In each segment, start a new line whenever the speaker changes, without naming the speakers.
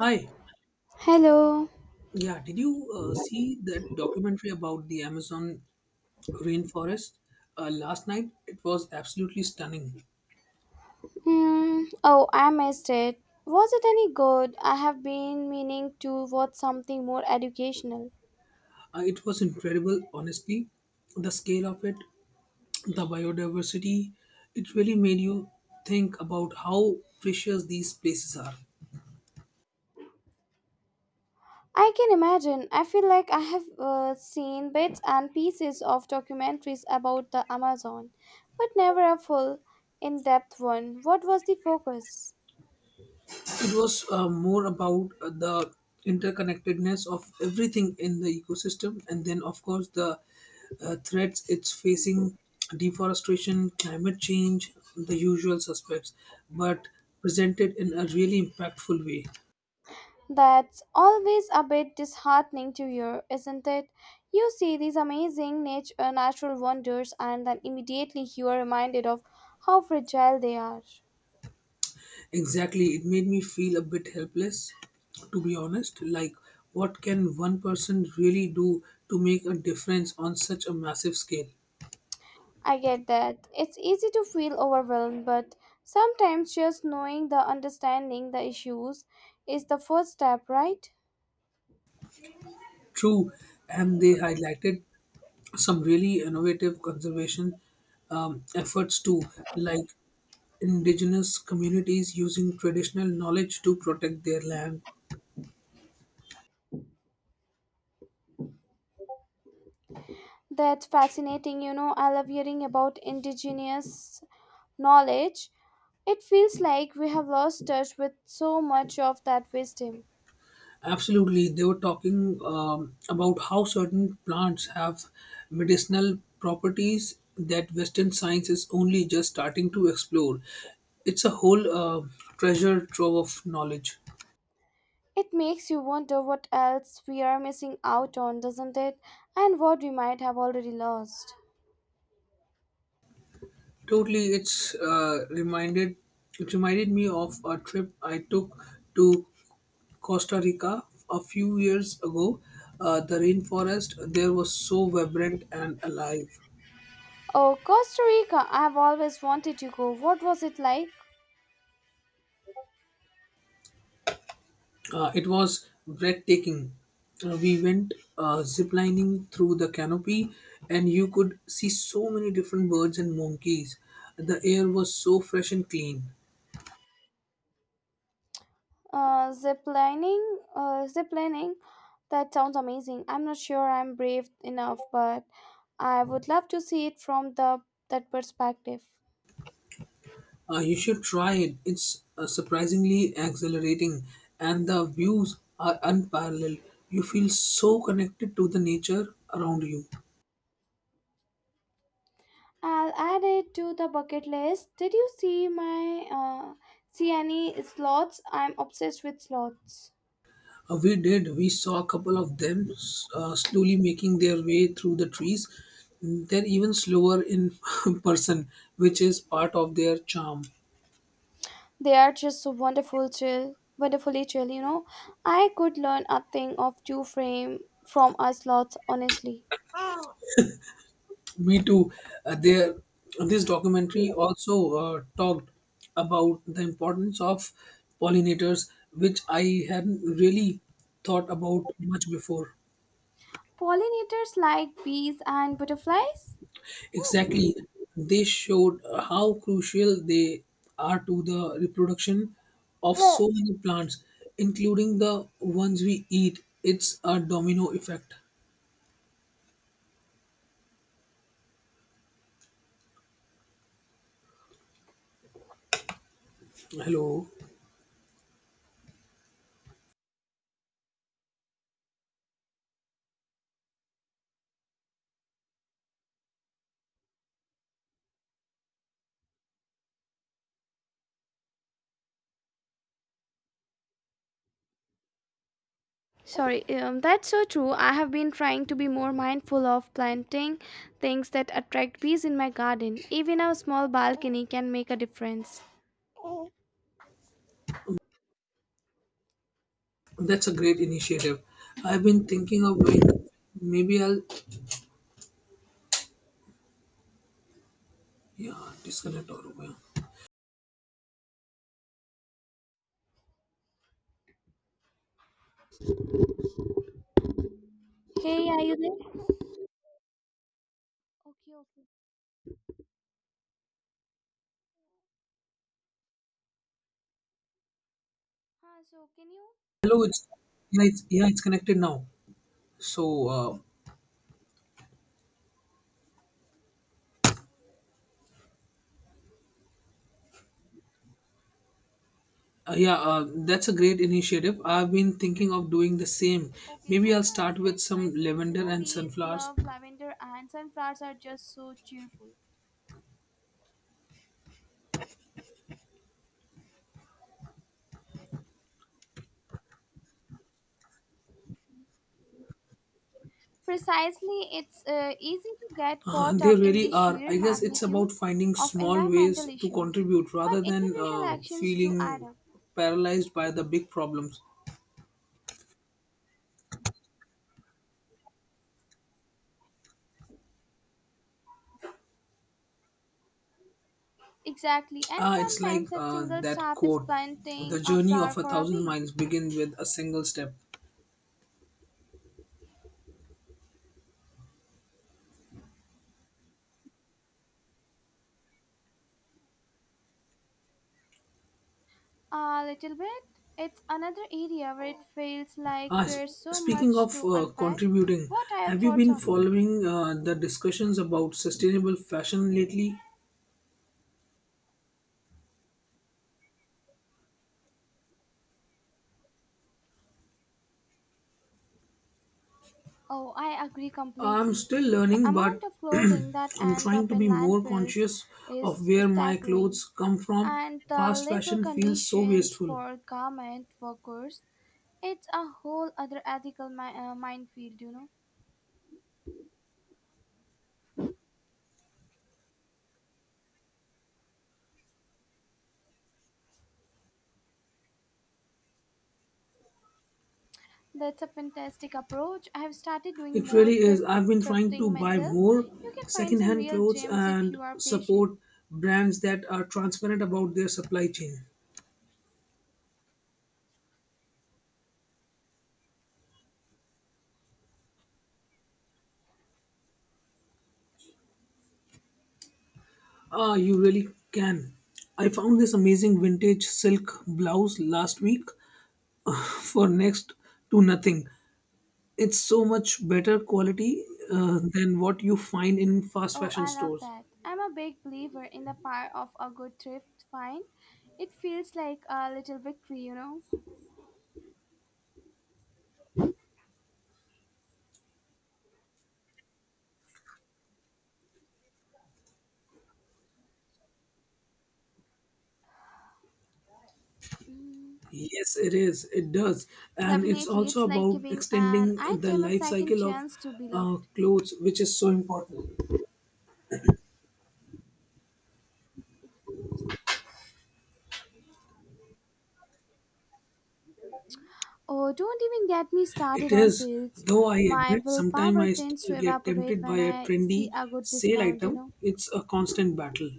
Hi.
Hello.
Yeah, did you see that documentary about the Amazon rainforest last night? It was absolutely stunning.
Mm, oh, I missed it. Was it any good? I have been meaning to watch something more educational.
It was incredible, honestly. The scale of it, the biodiversity, it really made you think about how precious these places are.
I can imagine. I feel like I have seen bits and pieces of documentaries about the Amazon, but never a full, in depth one. What was the focus?
It was more about the interconnectedness of everything in the ecosystem, and then, of course, the threats it's facing, deforestation, climate change, the usual suspects, but presented in a really impactful way.
That's always a bit disheartening to hear, isn't it? You see these amazing natural wonders and then immediately you are reminded of how fragile they are.
Exactly, it made me feel a bit helpless, to be honest. Like, what can one person really do to make a difference on such a massive scale?
I get that. It's easy to feel overwhelmed, but sometimes just knowing the understanding the issues is the first step, right?
True, and they highlighted some really innovative conservation efforts too, like indigenous communities using traditional knowledge to protect their land.
That's fascinating. You know, I love hearing about indigenous knowledge. It feels like we have lost touch with so much of that wisdom.
Absolutely, they were talking about how certain plants have medicinal properties that Western science is only just starting to explore. It's a whole treasure trove of knowledge.
It makes you wonder what else we are missing out on, doesn't it? And what we might have already lost.
Totally, It reminded me of a trip I took to Costa Rica a few years ago. The rainforest there was so vibrant and alive.
Oh, Costa Rica, I've always wanted to go. What was it like?
It was breathtaking. We went ziplining through the canopy, and you could see so many different birds and monkeys. The air was so fresh and clean.
Zip lining. That sounds amazing. I'm not sure I'm brave enough, but I would love to see it from the that perspective.
You should try it. It's surprisingly exhilarating, and the views are unparalleled. You feel so connected to the nature around you.
I'll add it to the bucket list. Did you see any slots? I'm obsessed with slots.
We did. We saw a couple of them slowly making their way through the trees. They're even slower in person, which is part of their charm.
They are just so wonderful, chill, wonderfully chill. You know, I could learn a thing of two frame from a slots, honestly.
Me too. Uh, their, this documentary also talked about the importance of pollinators, which I hadn't really thought about much before.
Pollinators like bees and butterflies.
Exactly. They showed how crucial they are to the reproduction of so many plants, including the ones we eat. It's a domino effect. Hello.
Sorry, that's so true. I have been trying to be more mindful of planting things that attract bees in my garden. Even a small balcony can make a difference.
That's a great initiative. I've been thinking of doing that. Maybe I'll, yeah, disconnect, or yeah.
Hey, are you there? Okay, okay. Huh, so can you?
Hello, it's, yeah, it's, yeah, it's connected now. So uh, yeah, that's a great initiative. I've been thinking of doing the same.
Okay,
Maybe I'll
those are
start with
excellent
some
choices. You
lavender
know,
and
bees
sunflowers.
love lavender and sunflowers are just so cheerful. Precisely, it's easy to get
Uh,
caught
There
up in
really
the
are.
sheer
I guess it's about
magnitude
finding
of
small ways
environmental
to
issues,
contribute
but
rather than
individual actions do add
feeling
up.
paralyzed by the big problems.
Exactly, and
Ah, it's like
sometimes that single
that
step is
quote, the
planting a
journey
flower
of a
for a
thousand
bee.
miles begins with a single step.
A little bit. It's another area where it feels like
Ah, s-
there's so
Speaking
much
of
to unpack.
contributing,
What are your
have you
thoughts
been
on it?
following the discussions about sustainable fashion lately?
Oh, I agree
I'm
completely.
still
The
learning, but
amount of clothing that
I'm
ends
trying
up
to
in
be more
landfills
conscious of
is
where my clothes
staggering,
come from.
and the
Fast
labor
fashion feels so
conditions
wasteful.
for garment workers, it's a whole other ethical minefield, you know. That's a fantastic approach. I have started doing
It
more
really is.
thrift
I've been trying to
thrifting
buy
myself.
more
You can find some
secondhand
real
clothes
gems if
and
you are patient.
support brands that are transparent about their supply chain. Ah, you really can. I found this amazing vintage silk blouse last week for next to nothing. It's so much better quality than what you find in fast
Oh,
fashion
I love
stores.
that. I'm a big believer in the power of a good thrift find. It feels like a little victory, you know.
Yes, it is. It does. And it's
Definitely,
also
it's like
about
giving an
extending the
item a
life
second
cycle of
chance to be loved.
clothes, which is so important.
Oh, don't even get me
It
started on
is,
sales.
though I
My
admit sometimes
willpower
I
tends
still
to
get
evaporate
tempted by
when
a
I see
trendy
a good
sale
discount, you
item.
know.
It's a constant battle.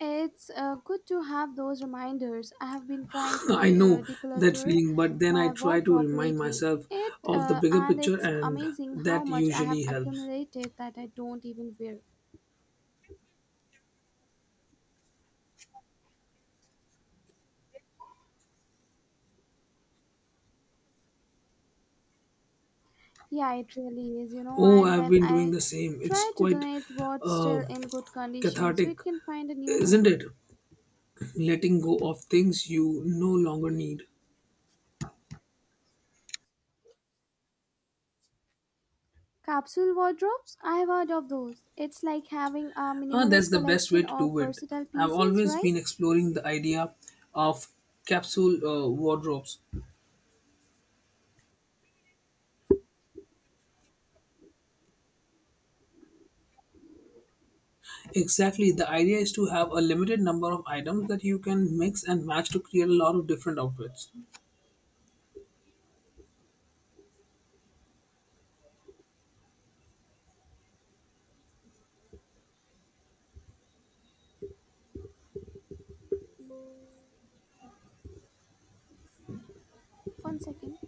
It's good to have those reminders. I have been trying to
I know that
declutter
feeling, but then I
my
try to
wardrobe
remind
lately.
myself
It
of the bigger
and
picture,
it's
and
amazing how
that
much I have
usually helps.
accumulated that I don't even wear. Yeah, it really is, you know.
Oh,
And
I've
then
been doing
I
the same. It's
try to
quite
donate what's
uh,
still in good condition so
cathartic,
it can find a new
isn't
home.
it? Letting go of things you no longer need.
Capsule wardrobes, I have heard of those. It's like having a
Ah, that's
minimalist
the best way
collection
to
of
do it.
versatile
I've
pieces,
always
right?
been exploring the idea of capsule wardrobes. Exactly. The idea is to have a limited number of items that you can mix and match to create a lot of different outfits.
One second.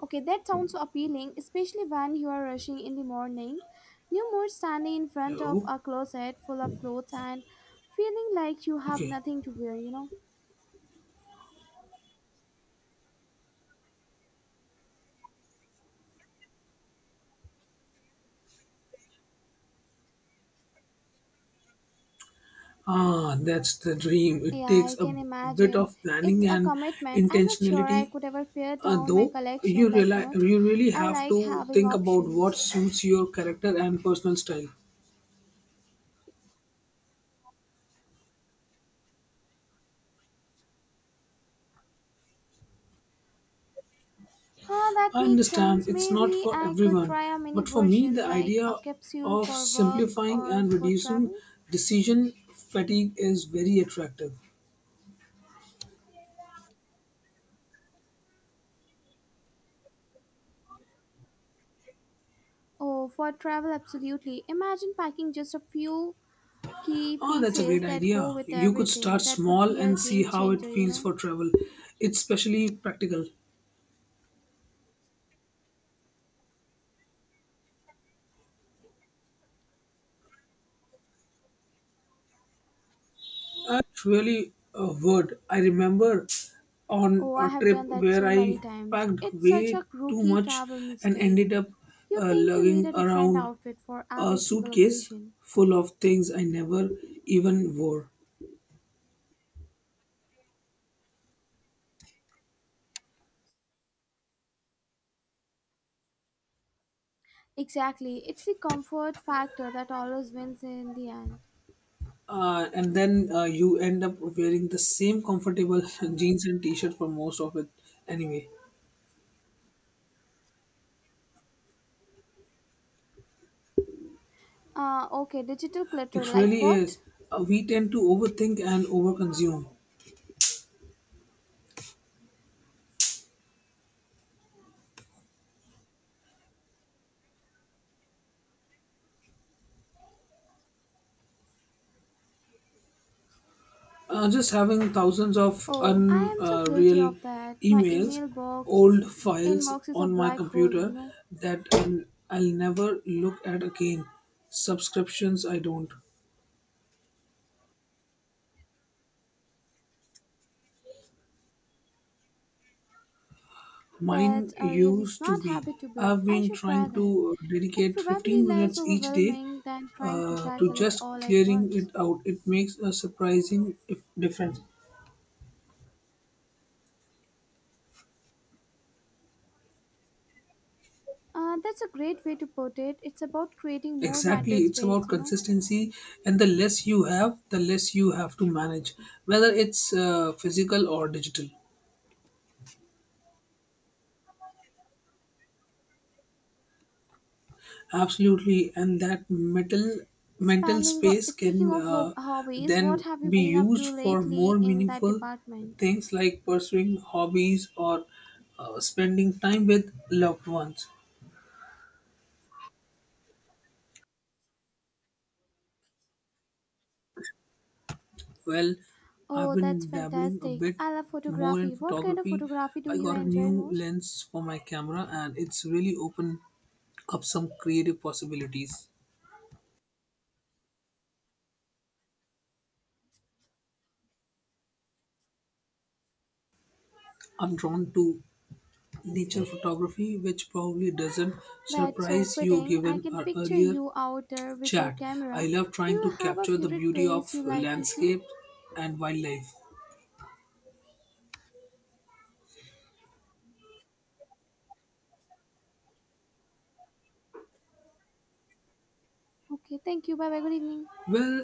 Okay, that sounds so appealing, especially when you are rushing in the morning. You more standing in front of
Hello?
a closet full of clothes and feeling like you have
Okay.
nothing to wear, you know?
Ah, that's the dream. It
Yeah, I
takes a
can
bit
imagine.
of planning
It's a
and
commitment. I'm not sure I
intentionality,
could ever pare down my
though. You
collection that
realize
much.
you really
I
have
like
to
having
think about what
options.
suits your character and personal style.
Ah, that
I
makes
understand
sense.
it's not
Maybe
for
I could
everyone,
try a mini
but for me, the
version like
idea
a capsule
of
for work
simplifying
or
and
for
reducing
travel.
decision fatigue is very attractive.
Oh, for travel, absolutely. Imagine packing just a few key
Oh, that's a
pieces
great
that go
idea.
with
You could start
everything. That would
small
be a
and see
game
how it
changer, you
feels
know.
for travel. It's especially practical. Really a word. I remember on
Oh,
a
I have
trip
done that
where
so many
I
times.
packed
It's such
way
a
too
rookie
much
travel
and
mistake.
ended up
You think you need
lugging
a different
around
outfit for
a
every single
suitcase
occasion.
full of things I never even wore.
Exactly, it's the comfort factor that always wins in the end.
And then you end up wearing the same comfortable jeans and t shirt for most of it anyway.
Okay, digital clutter,
It
like
really
what?
is. We tend to overthink and overconsume. Just having thousands of
Oh, I am so guilty
unreal
of that. My
emails,
email box
old files
inbox is a
on my
black hole, you
computer
know.
that I'll never look at again. Subscriptions, I don't. Mine
That's a really
used to
smart
be.
habit to build.
I've
I
been
should try
trying
that.
to
It
dedicate
probably
15
less
minutes each day
overwhelming than trying to
to
tackle it
just
all at
clearing
once.
it out. It makes a surprising difference.
That's a great way to put it. It's about creating more
Exactly,
mental
it's
space,
about
you know.
consistency, and the less you have, the less you have to manage, whether it's physical or digital. Absolutely, and that mental
Expanding.
space
Speaking
can
of hobbies, what
then
have you
be
been up
used
to
for more
lately in that
meaningful
department?
things like pursuing hobbies or spending time with loved ones. Well, I've
Oh, that's
been dabbling a
fantastic.
bit
I love
more in
photography. What kind of
photography.
photography do
I
you
got a
enjoy
new
most?
lens for my camera and it's really opened up some creative possibilities. I'm drawn to nature photography, which probably doesn't
That's so
surprise you
fitting. I
given
can
our
picture
earlier
you out there with your
chat. I
camera.
love
Do
trying
you
to
have a
capture the
favorite
beauty
place
of
you like to shoot?
landscape and wildlife.
Okay, thank you. Bye bye. Good evening.
Well,